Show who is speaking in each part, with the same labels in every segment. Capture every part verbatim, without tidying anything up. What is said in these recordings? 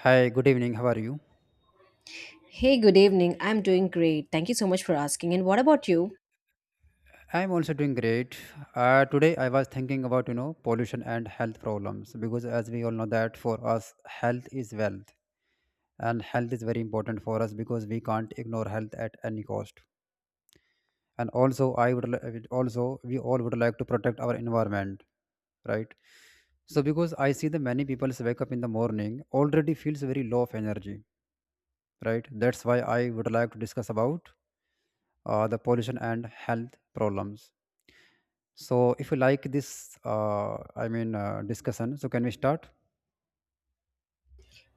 Speaker 1: Hi, good evening. How are you?
Speaker 2: Hey, good evening. I'm doing great. Thank you so much for asking. And what about you?
Speaker 1: I'm also doing great. Uh, today I was thinking about you know pollution and health problems because as we all know that for us health is wealth and health is very important for us because we can't ignore health at any cost. And also I would li- would also we all would like to protect our environment, right? So because I see the many people wake up in the morning already feels very low of energy, right? That's why I would like to discuss about uh, the pollution and health problems. So, if you like this, uh, I mean, uh, discussion, so can we start?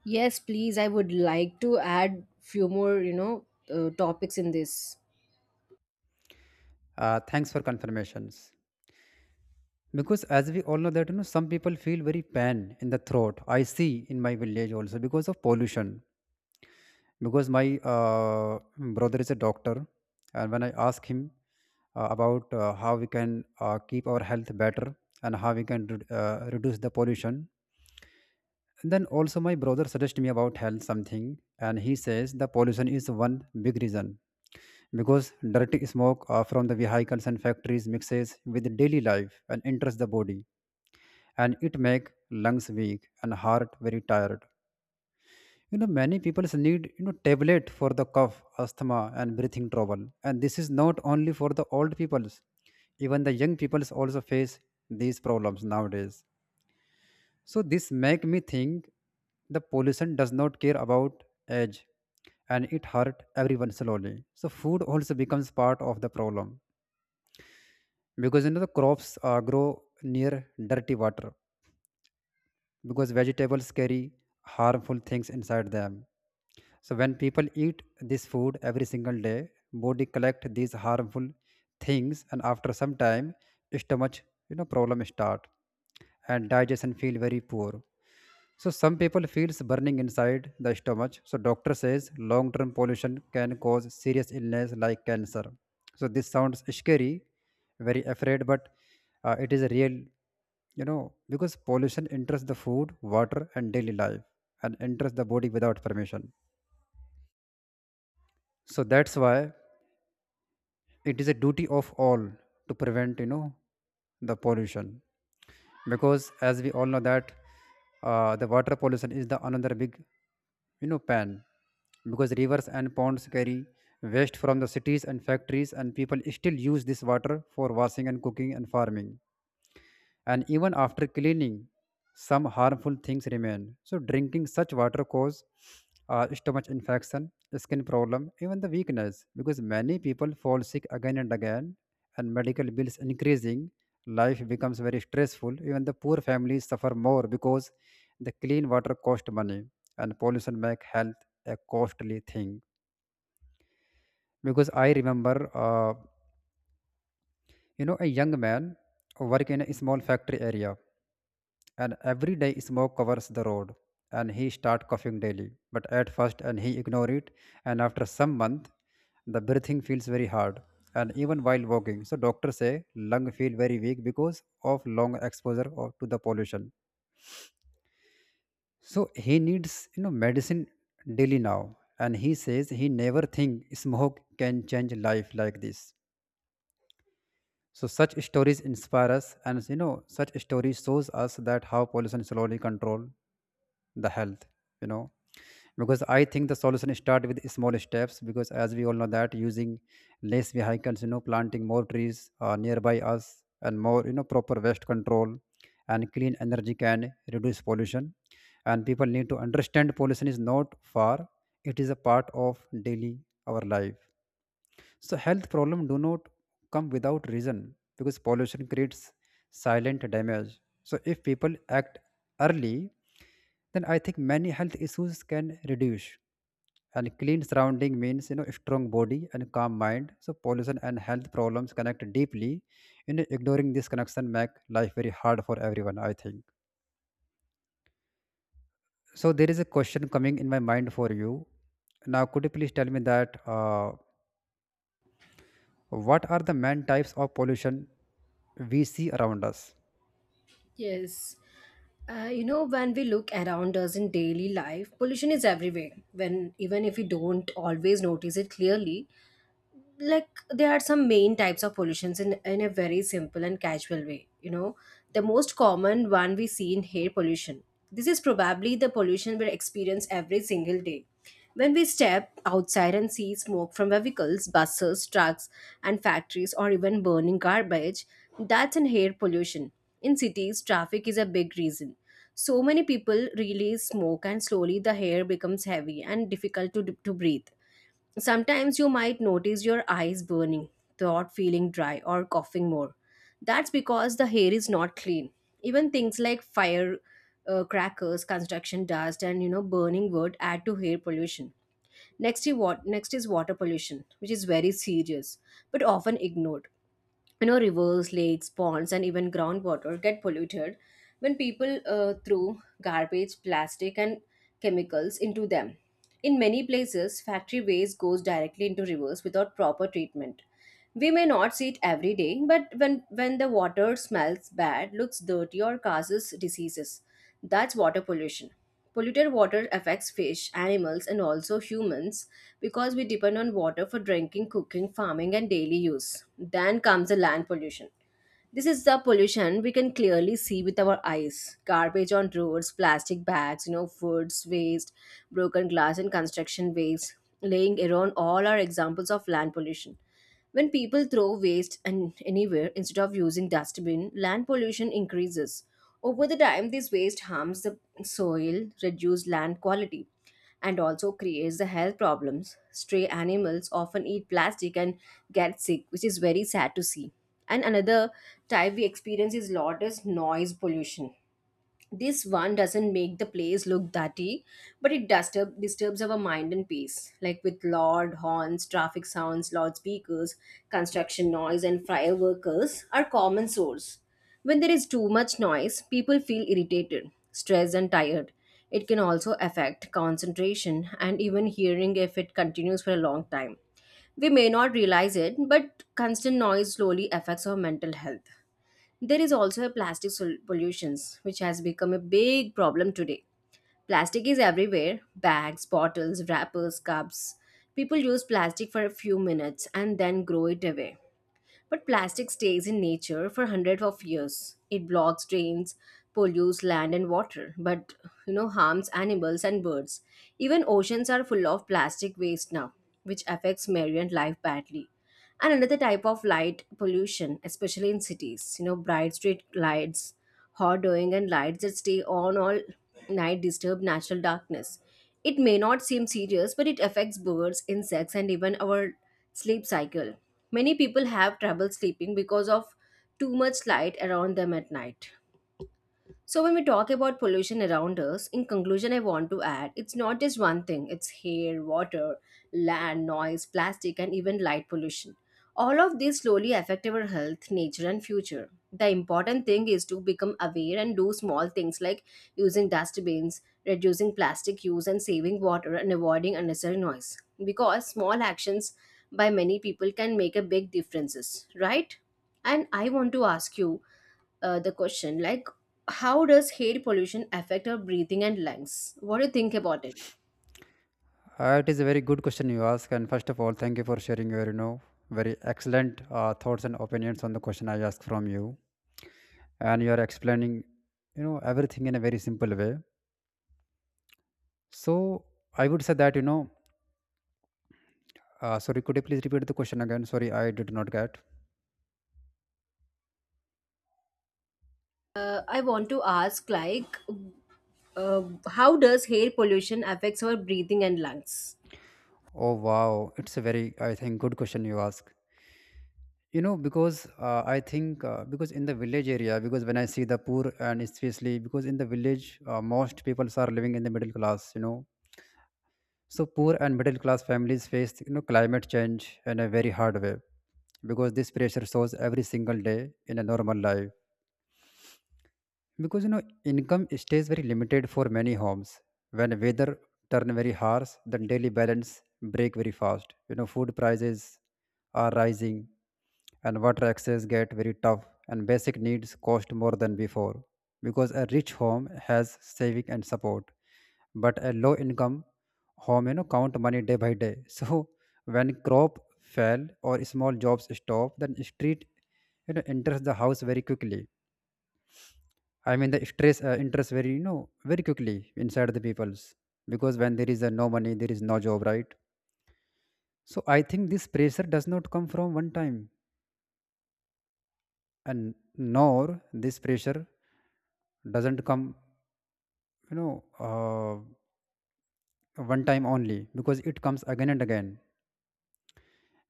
Speaker 2: Yes, please. I would like to add few more, you know, uh, topics in this.
Speaker 1: Uh, thanks for confirmations. Because as we all know that you know, some people feel very pain in the throat. I see in my village also because of pollution. Because my uh, brother is a doctor, and when I ask him uh, about uh, how we can uh, keep our health better and how we can re- uh, reduce the pollution, then also my brother suggested me about health something and he says the pollution is one big reason because dirty smoke uh, from the vehicles and factories mixes with daily life and enters the body and it make lungs weak and heart very tired. You know many people need you know tablet for the cough, asthma and breathing trouble and this is not only for the old peoples, even the young peoples also face these problems nowadays. So this make me think the pollution does not care about age and it hurt everyone slowly. So food also becomes part of the problem because you know the crops uh, grow near dirty water because vegetables carry harmful things inside them. So when people eat this food every single day, body collect these harmful things and after some time stomach, you know problem start and digestion feel very poor, so some people feels burning inside the stomach. So doctor says long-term pollution can cause serious illness like cancer. So this sounds scary, very afraid, but uh, it is real, you know, because pollution enters the food, water, and daily life, and enters the body without permission. So that's why it is a duty of all to prevent you know the pollution, because as we all know that uh, the water pollution is the another big you know pan because rivers and ponds carry waste from the cities and factories and people still use this water for washing and cooking and farming, and even after cleaning some harmful things remain, so drinking such water cause uh, stomach infection, skin problem, even the weakness, because many people fall sick again and again and medical bills increasing, life becomes very stressful. Even the poor families suffer more because the clean water cost money and pollution make health a costly thing. Because i remember uh, you know, a young man work in a small factory area and every day smoke covers the road and he start coughing daily. But at first and he ignore it, and after some month the breathing feels very hard and even while walking. So doctors say lung feel very weak because of long exposure or to the pollution. So he needs you know medicine daily now and he says he never think smoke can change life like this. So such stories inspire us, and you know, such stories shows us that how pollution slowly control the health. You know, because I think the solution start with small steps. Because as we all know that using less vehicles, you know, planting more trees uh, nearby us, and more you know proper waste control and clean energy can reduce pollution. And people need to understand pollution is not far; it is a part of daily our life, so health problem do not come without reason because pollution creates silent damage. So if people act early, then I think many health issues can reduce. And clean surrounding means you know strong body and calm mind. So pollution and health problems connect deeply. You know, ignoring this connection make life very hard for everyone, I think. So there is a question coming in my mind for you. Now, could you please tell me that? Uh, What are the main types of pollution we see around us?
Speaker 2: Yes. Uh, you know, when we look around us in daily life, pollution is everywhere. When even if we don't always notice it clearly, like there are some main types of pollutions in in a very simple and casual way, you know, the most common one we see in air pollution. This is probably the pollution we experience every single day. When we step outside and see smoke from vehicles, buses, trucks and factories, or even burning garbage, that's an air pollution. In cities traffic is a big reason, so many people release smoke and slowly the air becomes heavy and difficult to, to breathe. Sometimes you might notice your eyes burning, throat feeling dry, or coughing more. That's because the hair is not clean. Even things like fire uh, crackers, construction dust, and you know burning wood add to hair pollution. Next is, wat- next is water pollution, which is very serious but often ignored. You know, rivers, lakes, ponds, and even groundwater get polluted when people uh, throw garbage, plastic and chemicals into them. In many places factory waste goes directly into rivers without proper treatment. We may not see it every day, but when, when the water smells bad, looks dirty, or causes diseases, that's water pollution. Polluted water affects fish, animals, and also humans, because we depend on water for drinking, cooking, farming, and daily use. Then comes the land pollution. This is the pollution we can clearly see with our eyes. Garbage on roads, plastic bags, you know, foods waste, broken glass and construction waste laying around, all are examples of land pollution. When people throw waste and anywhere instead of using dustbin, land pollution increases. Over the time, this waste harms the soil, reduce land quality, and also creates the health problems. Stray animals often eat plastic and get sick, which is very sad to see. And another type we experience is lot is noise pollution. This one doesn't make the place look dirty, but it disturb, disturbs our mind and peace, like with loud horns, traffic sounds, loudspeakers, construction noise, and fireworkers are common source. When there is too much noise, people feel irritated, stressed, and tired. It can also affect concentration and even hearing if it continues for a long time. We may not realize it, but constant noise slowly affects our mental health. There is also a plastic sol- pollutions, which has become a big problem today. Plastic is everywhere: bags, bottles, wrappers, cups. People use plastic for a few minutes and then grow it away. But plastic stays in nature for hundreds of years. It blocks drains, pollutes land and water, but you know harms animals and birds. Even oceans are full of plastic waste now, which affects marine life badly. And another type of light pollution, especially in cities, you know, bright street lights, hoarding, and lights that stay on all night disturb natural darkness. It may not seem serious, but it affects birds, insects, and even our sleep cycle. Many people have trouble sleeping because of too much light around them at night. So, when we talk about pollution around us, in conclusion, I want to add it's not just one thing, it's air, water, land, noise, plastic, and even light pollution. All of these slowly affect our health, nature, and future. The important thing is to become aware and do small things like using dustbins, reducing plastic use, and saving water and avoiding unnecessary noise. Because small actions by many people can make a big differences, right? And I want to ask you uh, the question like, how does air pollution affect our breathing and lungs? What do you think about it?
Speaker 1: Uh, it is a very good question you ask, and first of all, thank you for sharing your you know very excellent uh, thoughts and opinions on the question I asked from you, and you are explaining you know everything in a very simple way. So I would say that you know. Uh, sorry, could you please repeat the question again? Sorry, I did not get.
Speaker 2: uh, I want to ask like, uh, how does air pollution affects our breathing and lungs?
Speaker 1: Oh wow, it's a very I think good question you ask. you know because uh, i think uh, because in the village area, because when I see the poor and especially because in the village uh, most people are living in the middle class, you know, so poor and middle class families face you know climate change in a very hard way because this pressure shows every single day in a normal life, because you know, income stays very limited for many homes. When weather turn very harsh, the daily balance break very fast. You know, food prices are rising, and water access get very tough, and basic needs cost more than before. Because a rich home has saving and support, but a low income home, you know, count money day by day. So when crop fail or small jobs stop, then street, you know, enters the house very quickly. I mean, the stress uh, interest very, you know, very quickly inside the people's, because when there is uh, no money, there is no job, right? So I think this pressure does not come from one time, and nor this pressure doesn't come, you know, uh, one time only, because it comes again and again.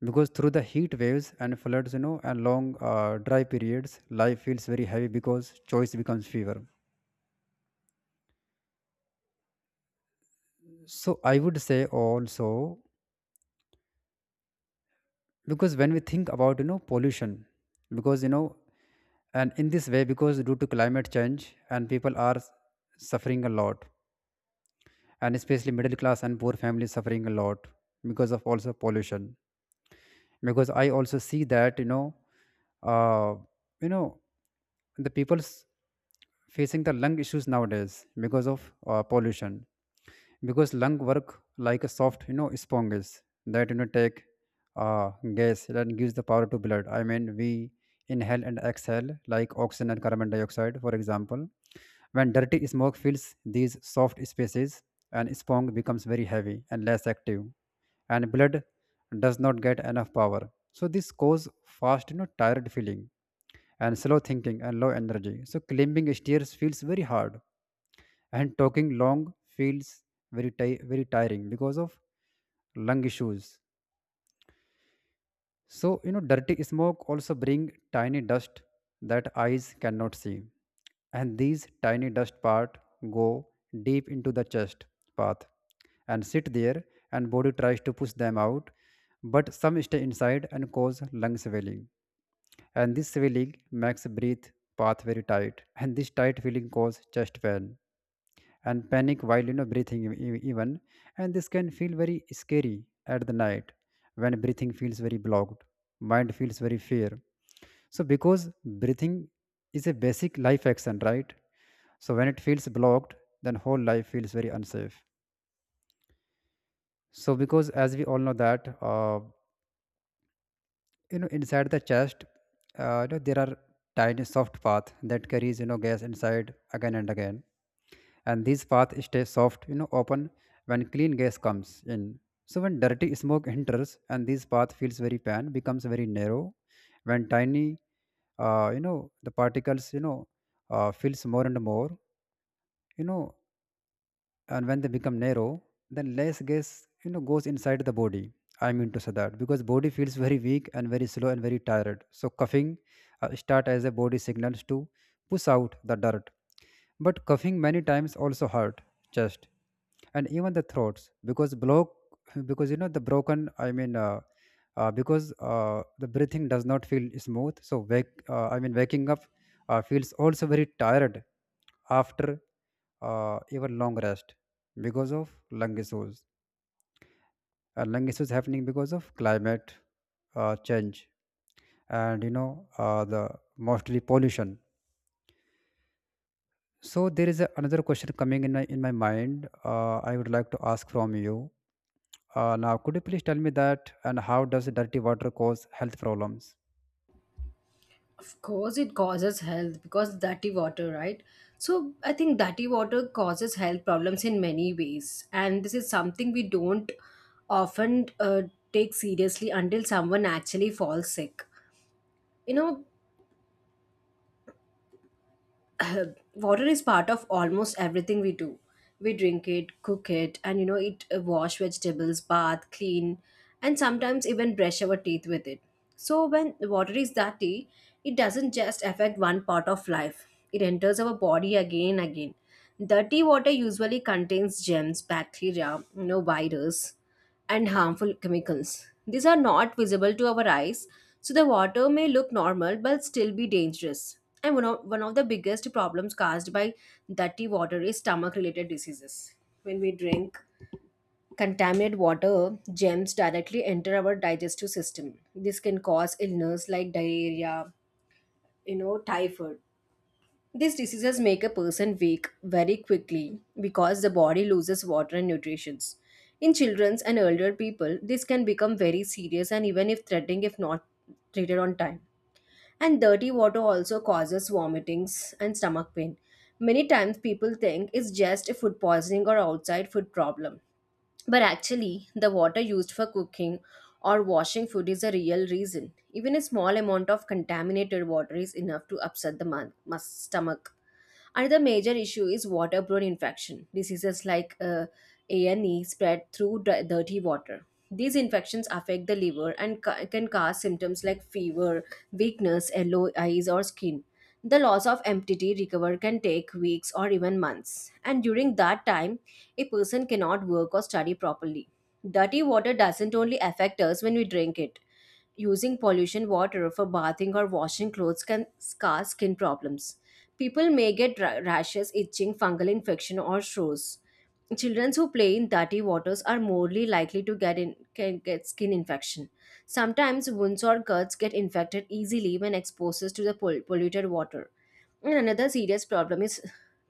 Speaker 1: Because through the heat waves and floods, you know, and long uh, dry periods, life feels very heavy because choice becomes fever. So I would say also, because when we think about you know pollution, because you know, and in this way, because due to climate change and people are s- suffering a lot, and especially middle class and poor families suffering a lot because of also pollution. Because I also see that you know uh you know the people's facing the lung issues nowadays because of uh, pollution, because lung work like a soft you know sponges that you know take uh, gas that gives the power to blood. I mean we inhale and exhale like oxygen and carbon dioxide for example. When dirty smoke fills these soft spaces and sponge becomes very heavy and less active, and blood does not get enough power, so this cause fast you know tired feeling and slow thinking and low energy. So climbing stairs feels very hard and talking long feels very ti- very tiring because of lung issues. So you know dirty smoke also bring tiny dust that eyes cannot see, and these tiny dust part go deep into the chest path and sit there, and body tries to push them out but some stay inside and cause lung swelling, and this swelling makes breath path very tight, and this tight feeling cause chest pain and panic while you know breathing e- e- even, and this can feel very scary at the night. When breathing feels very blocked, mind feels very fear. So because breathing is a basic life action, right? So when it feels blocked, then whole life feels very unsafe. So because as we all know that uh, you know, inside the chest uh, you know, there are tiny soft path that carries you know gas inside again and again, and these paths stay soft you know open when clean gas comes in. So when dirty smoke enters and this path feels very pan becomes very narrow, when tiny, uh, you know the particles, you know uh, fills more and more, you know, and when they become narrow, then less gas you know goes inside the body. I mean to say that because body feels very weak and very slow and very tired. So coughing uh, start as a body signals to push out the dirt, but coughing many times also hurt chest and even the throats because block because you know the broken I mean uh, uh, because uh, the breathing does not feel smooth, so wake uh, I mean waking up uh, feels also very tired after uh, even long rest because of lung issues, and lung issues happening because of climate uh, change and you know, uh, the mostly pollution. So there is a, another question coming in my, in my mind. uh, I would like to ask from you. Uh, now, could you please tell me that and how does dirty water cause health problems?
Speaker 2: Of course it causes health because dirty water, right? So I think dirty water causes health problems in many ways, and this is something we don't often uh, take seriously until someone actually falls sick, you know. Water is part of almost everything we do. We drink it, cook it, and you know, it uh, wash vegetables, bath, clean, and sometimes even brush our teeth with it. So when water is dirty, it doesn't just affect one part of life. It enters our body again and again. Dirty water usually contains germs, bacteria, you know, virus, and harmful chemicals. These are not visible to our eyes, so the water may look normal but still be dangerous. And one of, one of the biggest problems caused by dirty water is stomach related diseases. When we drink contaminated water, germs directly enter our digestive system. This can cause illness like diarrhea, you know, typhoid. These diseases make a person weak very quickly because the body loses water and nutrition. In children and elder people, this can become very serious and even if threatening if not treated on time. And dirty water also causes vomitings and stomach pain. Many times people think it's just a food poisoning or outside food problem. But actually, the water used for cooking or washing food is a real reason. Even a small amount of contaminated water is enough to upset the mu- mus- stomach. Another major issue is waterborne infection. Diseases like uh, A and E spread through di- dirty water. These infections affect the liver and ca- can cause symptoms like fever, weakness, yellow eyes, or skin. The loss of emptity recover can take weeks or even months. And during that time, a person cannot work or study properly. Dirty water doesn't only affect us when we drink it. Using pollution water for bathing or washing clothes can cause skin problems. People may get ra- rashes, itching, fungal infection, or sores. Children who play in dirty waters are more likely to get in, can get skin infection. Sometimes wounds or cuts get infected easily when exposed to the pol- polluted water. And another serious problem is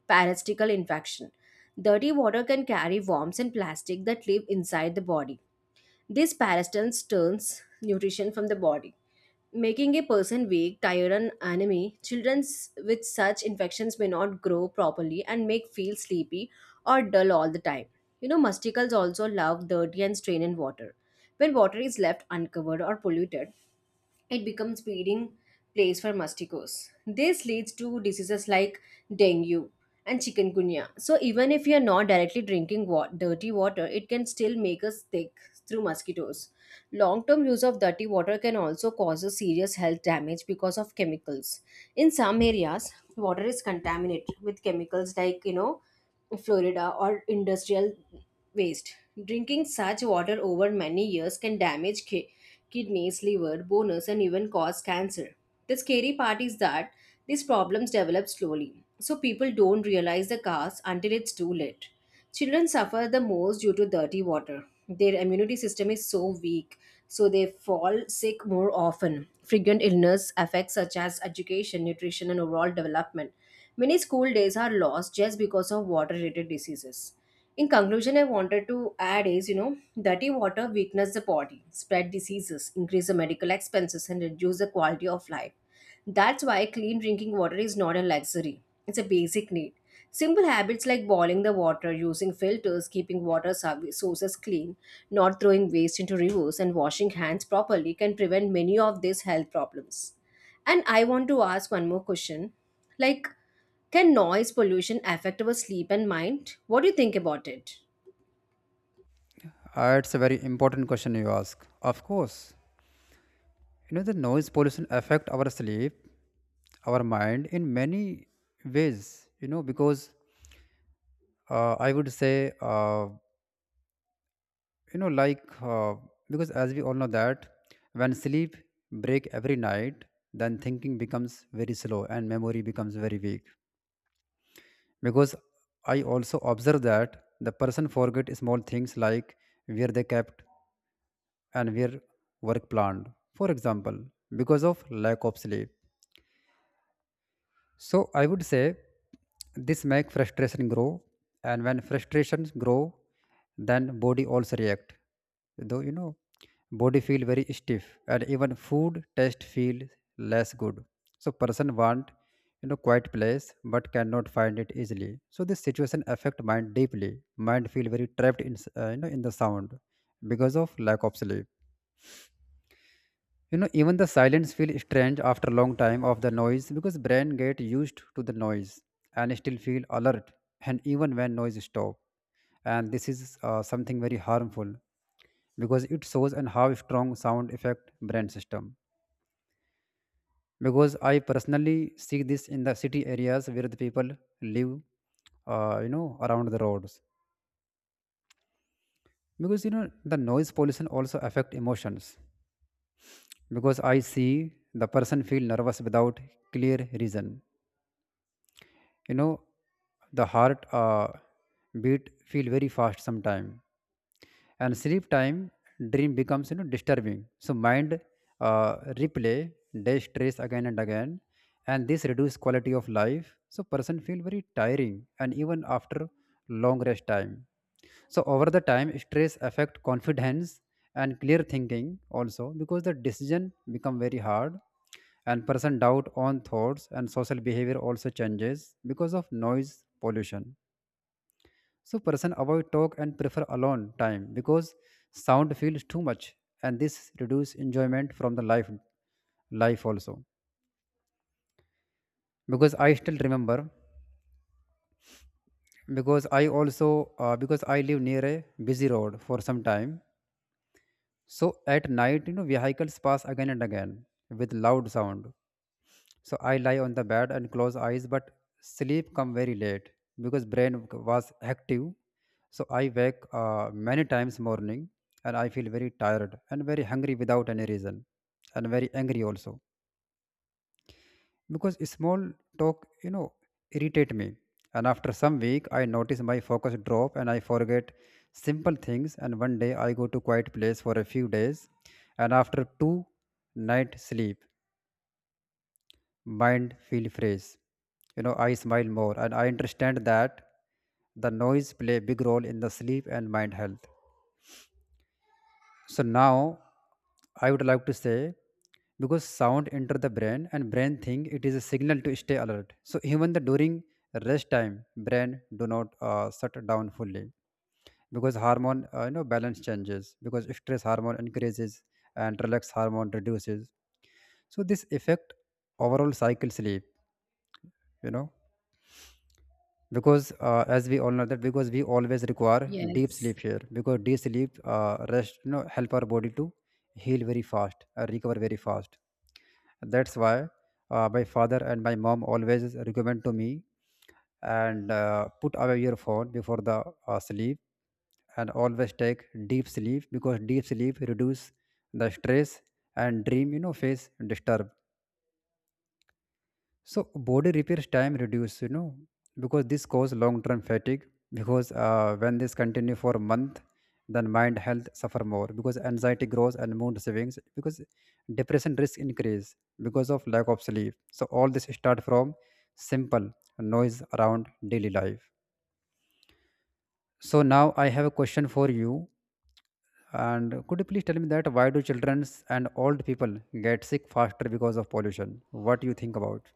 Speaker 2: parasitical infection. Dirty water can carry worms and plastic that live inside the body. This parasitans turns nutrition from the body, making a person weak, tired, and anemic. Children with such infections may not grow properly and may feel sleepy or dull all the time. You know, musticles also love dirty and strained water. When water is left uncovered or polluted, it becomes breeding place for mosquitoes. This leads to diseases like dengue and chikungunya. So even if you are not directly drinking wa- dirty water, it can still make us sick through mosquitoes. Long-term use of dirty water can also cause a serious health damage because of chemicals. In some areas, water is contaminated with chemicals like you know Florida or industrial waste. Drinking such water over many years can damage kidneys, liver, bonus, and even cause cancer. The scary part is that these problems develop slowly, so people don't realize the cause until it's too late. Children suffer the most due to dirty water. Their immunity system is so weak, so they fall sick more often. Frequent illness affects such as education, nutrition, and overall development. Many school days are lost just because of water related diseases. In conclusion, I wanted to add is, you know, dirty water weakens the body, spread diseases, increase the medical expenses, and reduce the quality of life. That's why clean drinking water is not a luxury, it's a basic need. Simple habits like boiling the water, using filters, keeping water sou- sources clean, not throwing waste into rivers, and washing hands properly can prevent many of these health problems. And I want to ask one more question like, can noise pollution affect our sleep and mind? What do you think about it?
Speaker 1: Uh, it's a very important question you ask. Of course, you know the noise pollution affect our sleep, our mind in many ways. You know because uh, I would say uh, you know like uh, because as we all know that when sleep break every night, then thinking becomes very slow and memory becomes very weak because I also observe that the person forget small things like where they kept and where work planned, for example, because of lack of sleep. So I would say this make frustration grow, and when frustrations grow, then body also react. Though you know, body feel very stiff, and even food taste feel less good. So person want, you know quiet place but cannot find it easily. So this situation affect mind deeply. Mind feel very trapped in s- uh, you know in the sound because of lack of sleep. You know even the silence feel strange after long time of the noise, because brain get used to the noise and still feel alert, and even when noise stop. And this is uh, something very harmful, because it shows and how strong sound affect brain system, because I personally see this in the city areas where the people live, uh, you know around the roads. Because you know the noise pollution also affect emotions, because I see the person feel nervous without clear reason. you know the heart uh, beat feel very fast sometime, and sleep time dream becomes, you know disturbing. So mind uh, replay day stress again and again, and this reduce quality of life, so person feel very tiring, and even after long rest time. So over the time stress affect confidence and clear thinking also, because the decision become very hard and person doubt on thoughts, and social behavior also changes because of noise pollution. So person avoid talk and prefer alone time because sound feels too much, and this reduce enjoyment from the life life also. Because I still remember, because I also uh, because I live near a busy road for some time. So at night, you know, vehicles pass again and again with loud sound. So I lie on the bed and close eyes, but sleep come very late because brain was active. So I wake uh, many times morning, and I feel very tired and very hungry without any reason, and very angry also, because small talk, you know, irritate me. And after some week, I notice my focus drop and I forget simple things. And one day I go to quiet place for a few days, and after two night sleep mind feel phrase. You know, I smile more, and I understand that the noise play a big role in the sleep and mind health. So now, I would like to say, because sound enter the brain and brain think it is a signal to stay alert. So even the during rest time, brain do not uh, shut down fully, because hormone, uh, you know, balance changes, because stress hormone increases and relax hormone reduces. So this affect overall cycle sleep. You know. Because uh, As we all know that because we always require deep
Speaker 2: Yes.
Speaker 1: sleep here, because deep sleep uh, rest, you know, help our body to heal very fast, uh, recover very fast. That's why uh, my father and my mom always recommend to me, and uh, put away your phone before the uh, sleep, and always take deep sleep because deep sleep reduce the stress, and dream, you know, face disturb, so body repairs time reduce, you know, because this cause long-term fatigue. Because uh, when this continue for a month, then mind health suffer more, because anxiety grows and mood swings, because depression risk increase because of lack of sleep. So all this start from simple noise around daily life. So now I have a question for you, and could you please tell me that why do children and old people get sick faster because of pollution? What do you think about?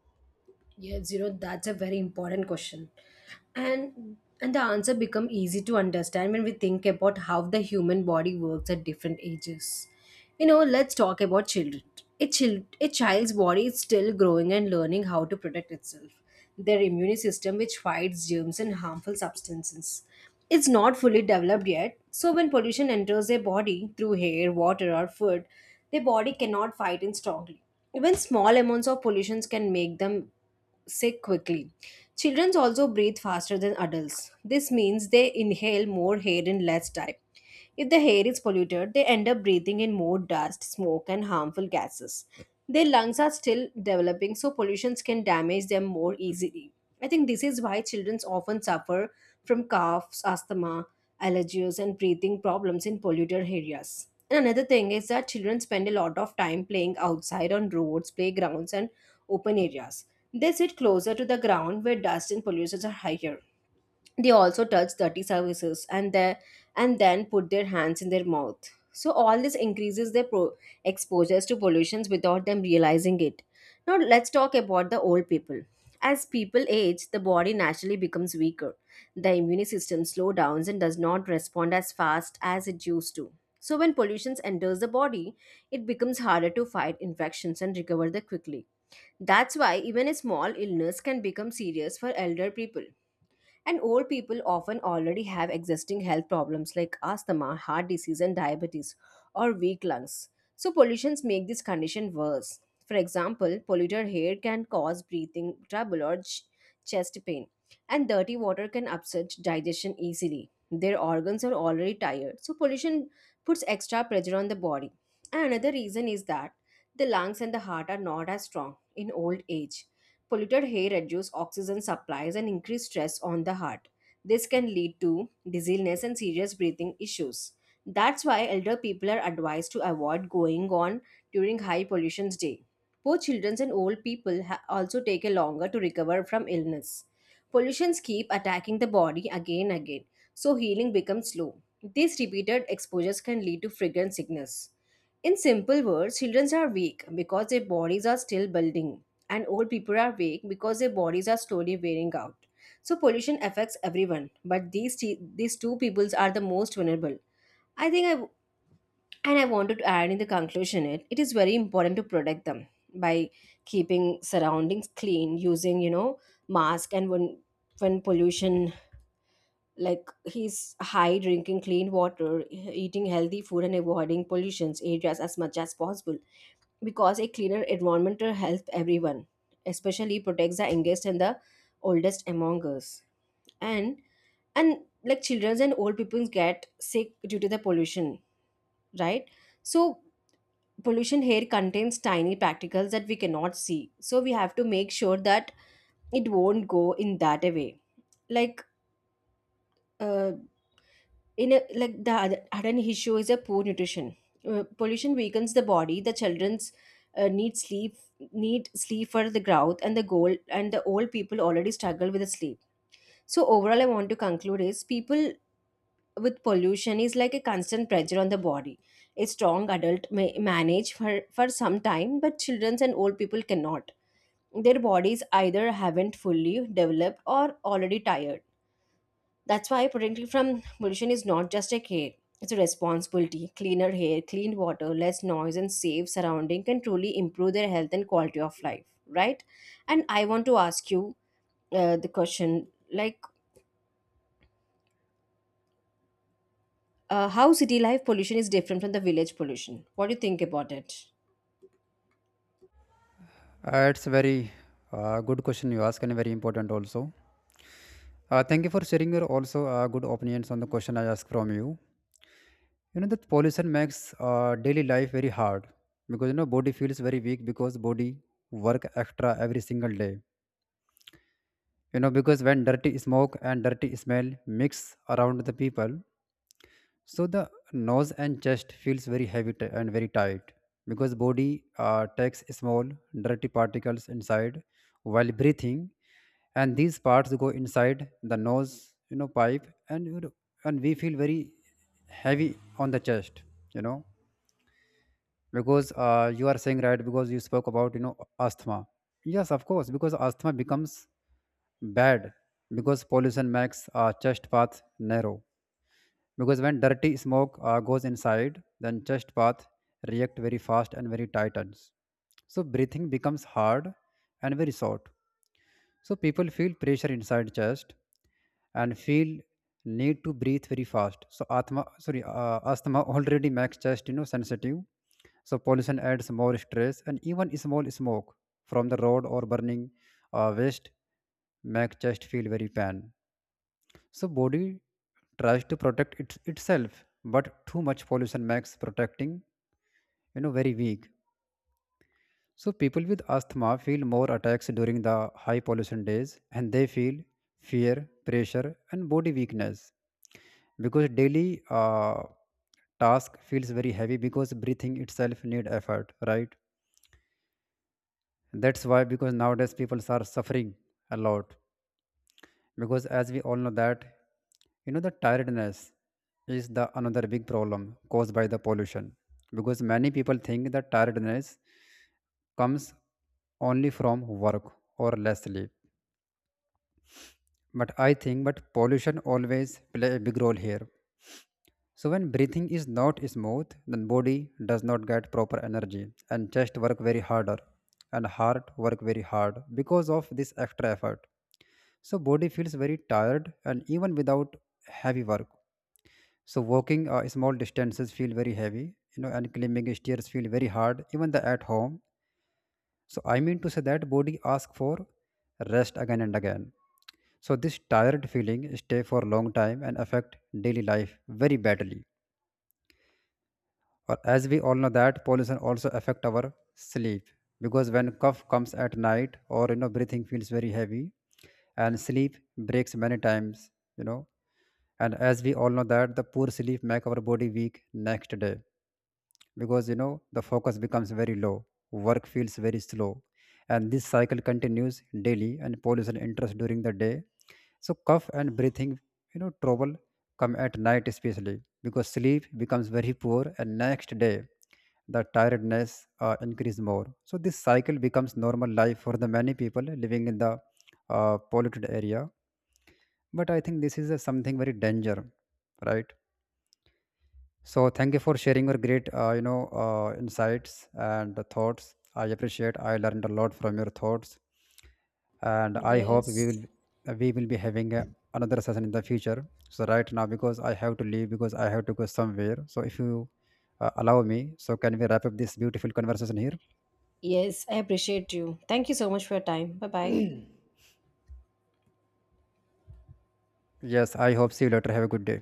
Speaker 2: Yes, you know, that's a very important question. And and the answer become easy to understand when we think about how the human body works at different ages. You know, let's talk about children. A, child, a child's body is still growing and learning how to protect itself, their immune system, which fights germs and harmful substances, is not fully developed yet, so when pollution enters their body through air, water, or food, their body cannot fight it strongly. Even small amounts of pollution can make them sick quickly. Children also breathe faster than adults. This means they inhale more air in less time. If the air is polluted, they end up breathing in more dust, smoke, and harmful gases. Their lungs are still developing, so pollutions can damage them more easily. I think this is why children often suffer from coughs, asthma, allergies, and breathing problems in polluted areas. And another thing is that children spend a lot of time playing outside on roads, playgrounds, and open areas. They sit closer to the ground where dust and pollutions are higher. They also touch dirty surfaces and their and then put their hands in their mouth. So all this increases their pro- exposures to pollutions without them realizing it. Now let's talk about the old people. As people age, the body naturally becomes weaker. The immune system slows down and does not respond as fast as it used to. So when pollutions enters the body, it becomes harder to fight infections and recover them quickly. That's why even a small illness can become serious for elder people. And old people often already have existing health problems like asthma, heart disease, and diabetes, or weak lungs. So, pollutions make this condition worse. For example, polluted air can cause breathing trouble or ch- chest pain, and dirty water can upset digestion easily. Their organs are already tired, so pollution puts extra pressure on the body. And another reason is that the lungs and the heart are not as strong in old age. Polluted air reduces oxygen supplies and increase stress on the heart. This can lead to dizziness and serious breathing issues. That's why elder people are advised to avoid going on during high pollution day. Poor children and old people ha- also take a longer to recover from illness. Pollutions keep attacking the body again and again, so healing becomes slow. These repeated exposures can lead to fragrant sickness. In simple words, children are weak because their bodies are still building and old people are weak because their bodies are slowly wearing out. So pollution affects everyone, but these t- these two peoples are the most vulnerable. I think I w- and I wanted to add in the conclusion it it is very important to protect them by keeping surroundings clean, using you know mask and when when pollution like he's high, drinking clean water, eating healthy food and avoiding pollutions areas as much as possible because a cleaner environment helps everyone, especially protects the youngest and the oldest among us. And and Like children and old people get sick due to the pollution, right? So pollution here contains tiny particles that we cannot see, so we have to make sure that it won't go in that way. like uh, in a, like the other, other issue is a poor nutrition. Uh, pollution weakens the body. The children's uh, need sleep, need sleep for the growth and the goal, and the old people already struggle with the sleep. So overall, I want to conclude is people with pollution is like a constant pressure on the body. A strong adult may manage for for some time, but children and old people cannot. Their bodies either haven't fully developed or already tired. That's why protecting from pollution is not just a care, it's a responsibility. Cleaner air, clean water, less noise, and safe surrounding can truly improve their health and quality of life, right? And I want to ask you uh, the question, like, uh, how city life pollution is different from the village pollution? What do you think about it?
Speaker 1: Uh, it's a very uh, good question you ask, and very important also. Uh, thank you for sharing your also uh, good opinions on the question I asked from you. You know that pollution makes uh, daily life very hard, because you know body feels very weak because body work extra every single day. You know because when dirty smoke and dirty smell mix around the people, so the nose and chest feels very heavy t- and very tight, because body uh, takes small dirty particles inside while breathing, and these parts go inside the nose, you know, pipe, and you know, and we feel very heavy on the chest, you know, because uh, you are saying right because you spoke about, you know, asthma. Yes, of course, because asthma becomes bad because pollution makes our chest path narrow, because when dirty smoke uh, goes inside, then chest path react very fast and very tightens, so breathing becomes hard and very short. So people feel pressure inside chest and feel need to breathe very fast. So atma sorry uh, asthma already makes chest, you know, sensitive, so pollution adds more stress, and even small smoke from the road or burning uh, waste make chest feel very pain. So body tries to protect it itself, but too much pollution makes protecting, you know, very weak. So people with asthma feel more attacks during the high pollution days, and they feel fear, pressure and body weakness, because daily uh, task feels very heavy because breathing itself need effort, right? That's why, because nowadays people are suffering a lot, because as we all know that, you know, the tiredness is the another big problem caused by the pollution, because many people think that tiredness comes only from work or less sleep, but I think but pollution always play a big role here. So when breathing is not smooth, then body does not get proper energy, and chest work very harder, and heart work very hard because of this extra effort. So body feels very tired and even without heavy work. So walking uh, small distances feel very heavy, you know, and climbing stairs feel very hard, even the at home. So I mean to say that body ask for rest again and again. So this tired feeling stay for a long time and affect daily life very badly. Or as we all know that pollution also affect our sleep, because when cough comes at night, or you know breathing feels very heavy, and sleep breaks many times, you know. And as we all know that the poor sleep make our body weak next day, because you know the focus becomes very low, work feels very slow, and this cycle continues daily, and pollution enters during the day, so cough and breathing, you know, trouble come at night especially, because sleep becomes very poor and next day the tiredness uh, increase more. So this cycle becomes normal life for the many people living in the uh, polluted area. But I think this is a something very danger, right? So thank you for sharing your great, uh, you know, uh, insights and thoughts. I appreciate. I learned a lot from your thoughts, and I hope we
Speaker 2: Yes.
Speaker 1: will we will be having a, another session in the future. So right now, because I have to leave, because I have to go somewhere. So if you uh, allow me, so can we wrap up this beautiful conversation here?
Speaker 2: Yes, I appreciate you. Thank you so much for your time. Bye bye.
Speaker 1: Yes, I hope. See you later. Have a good day.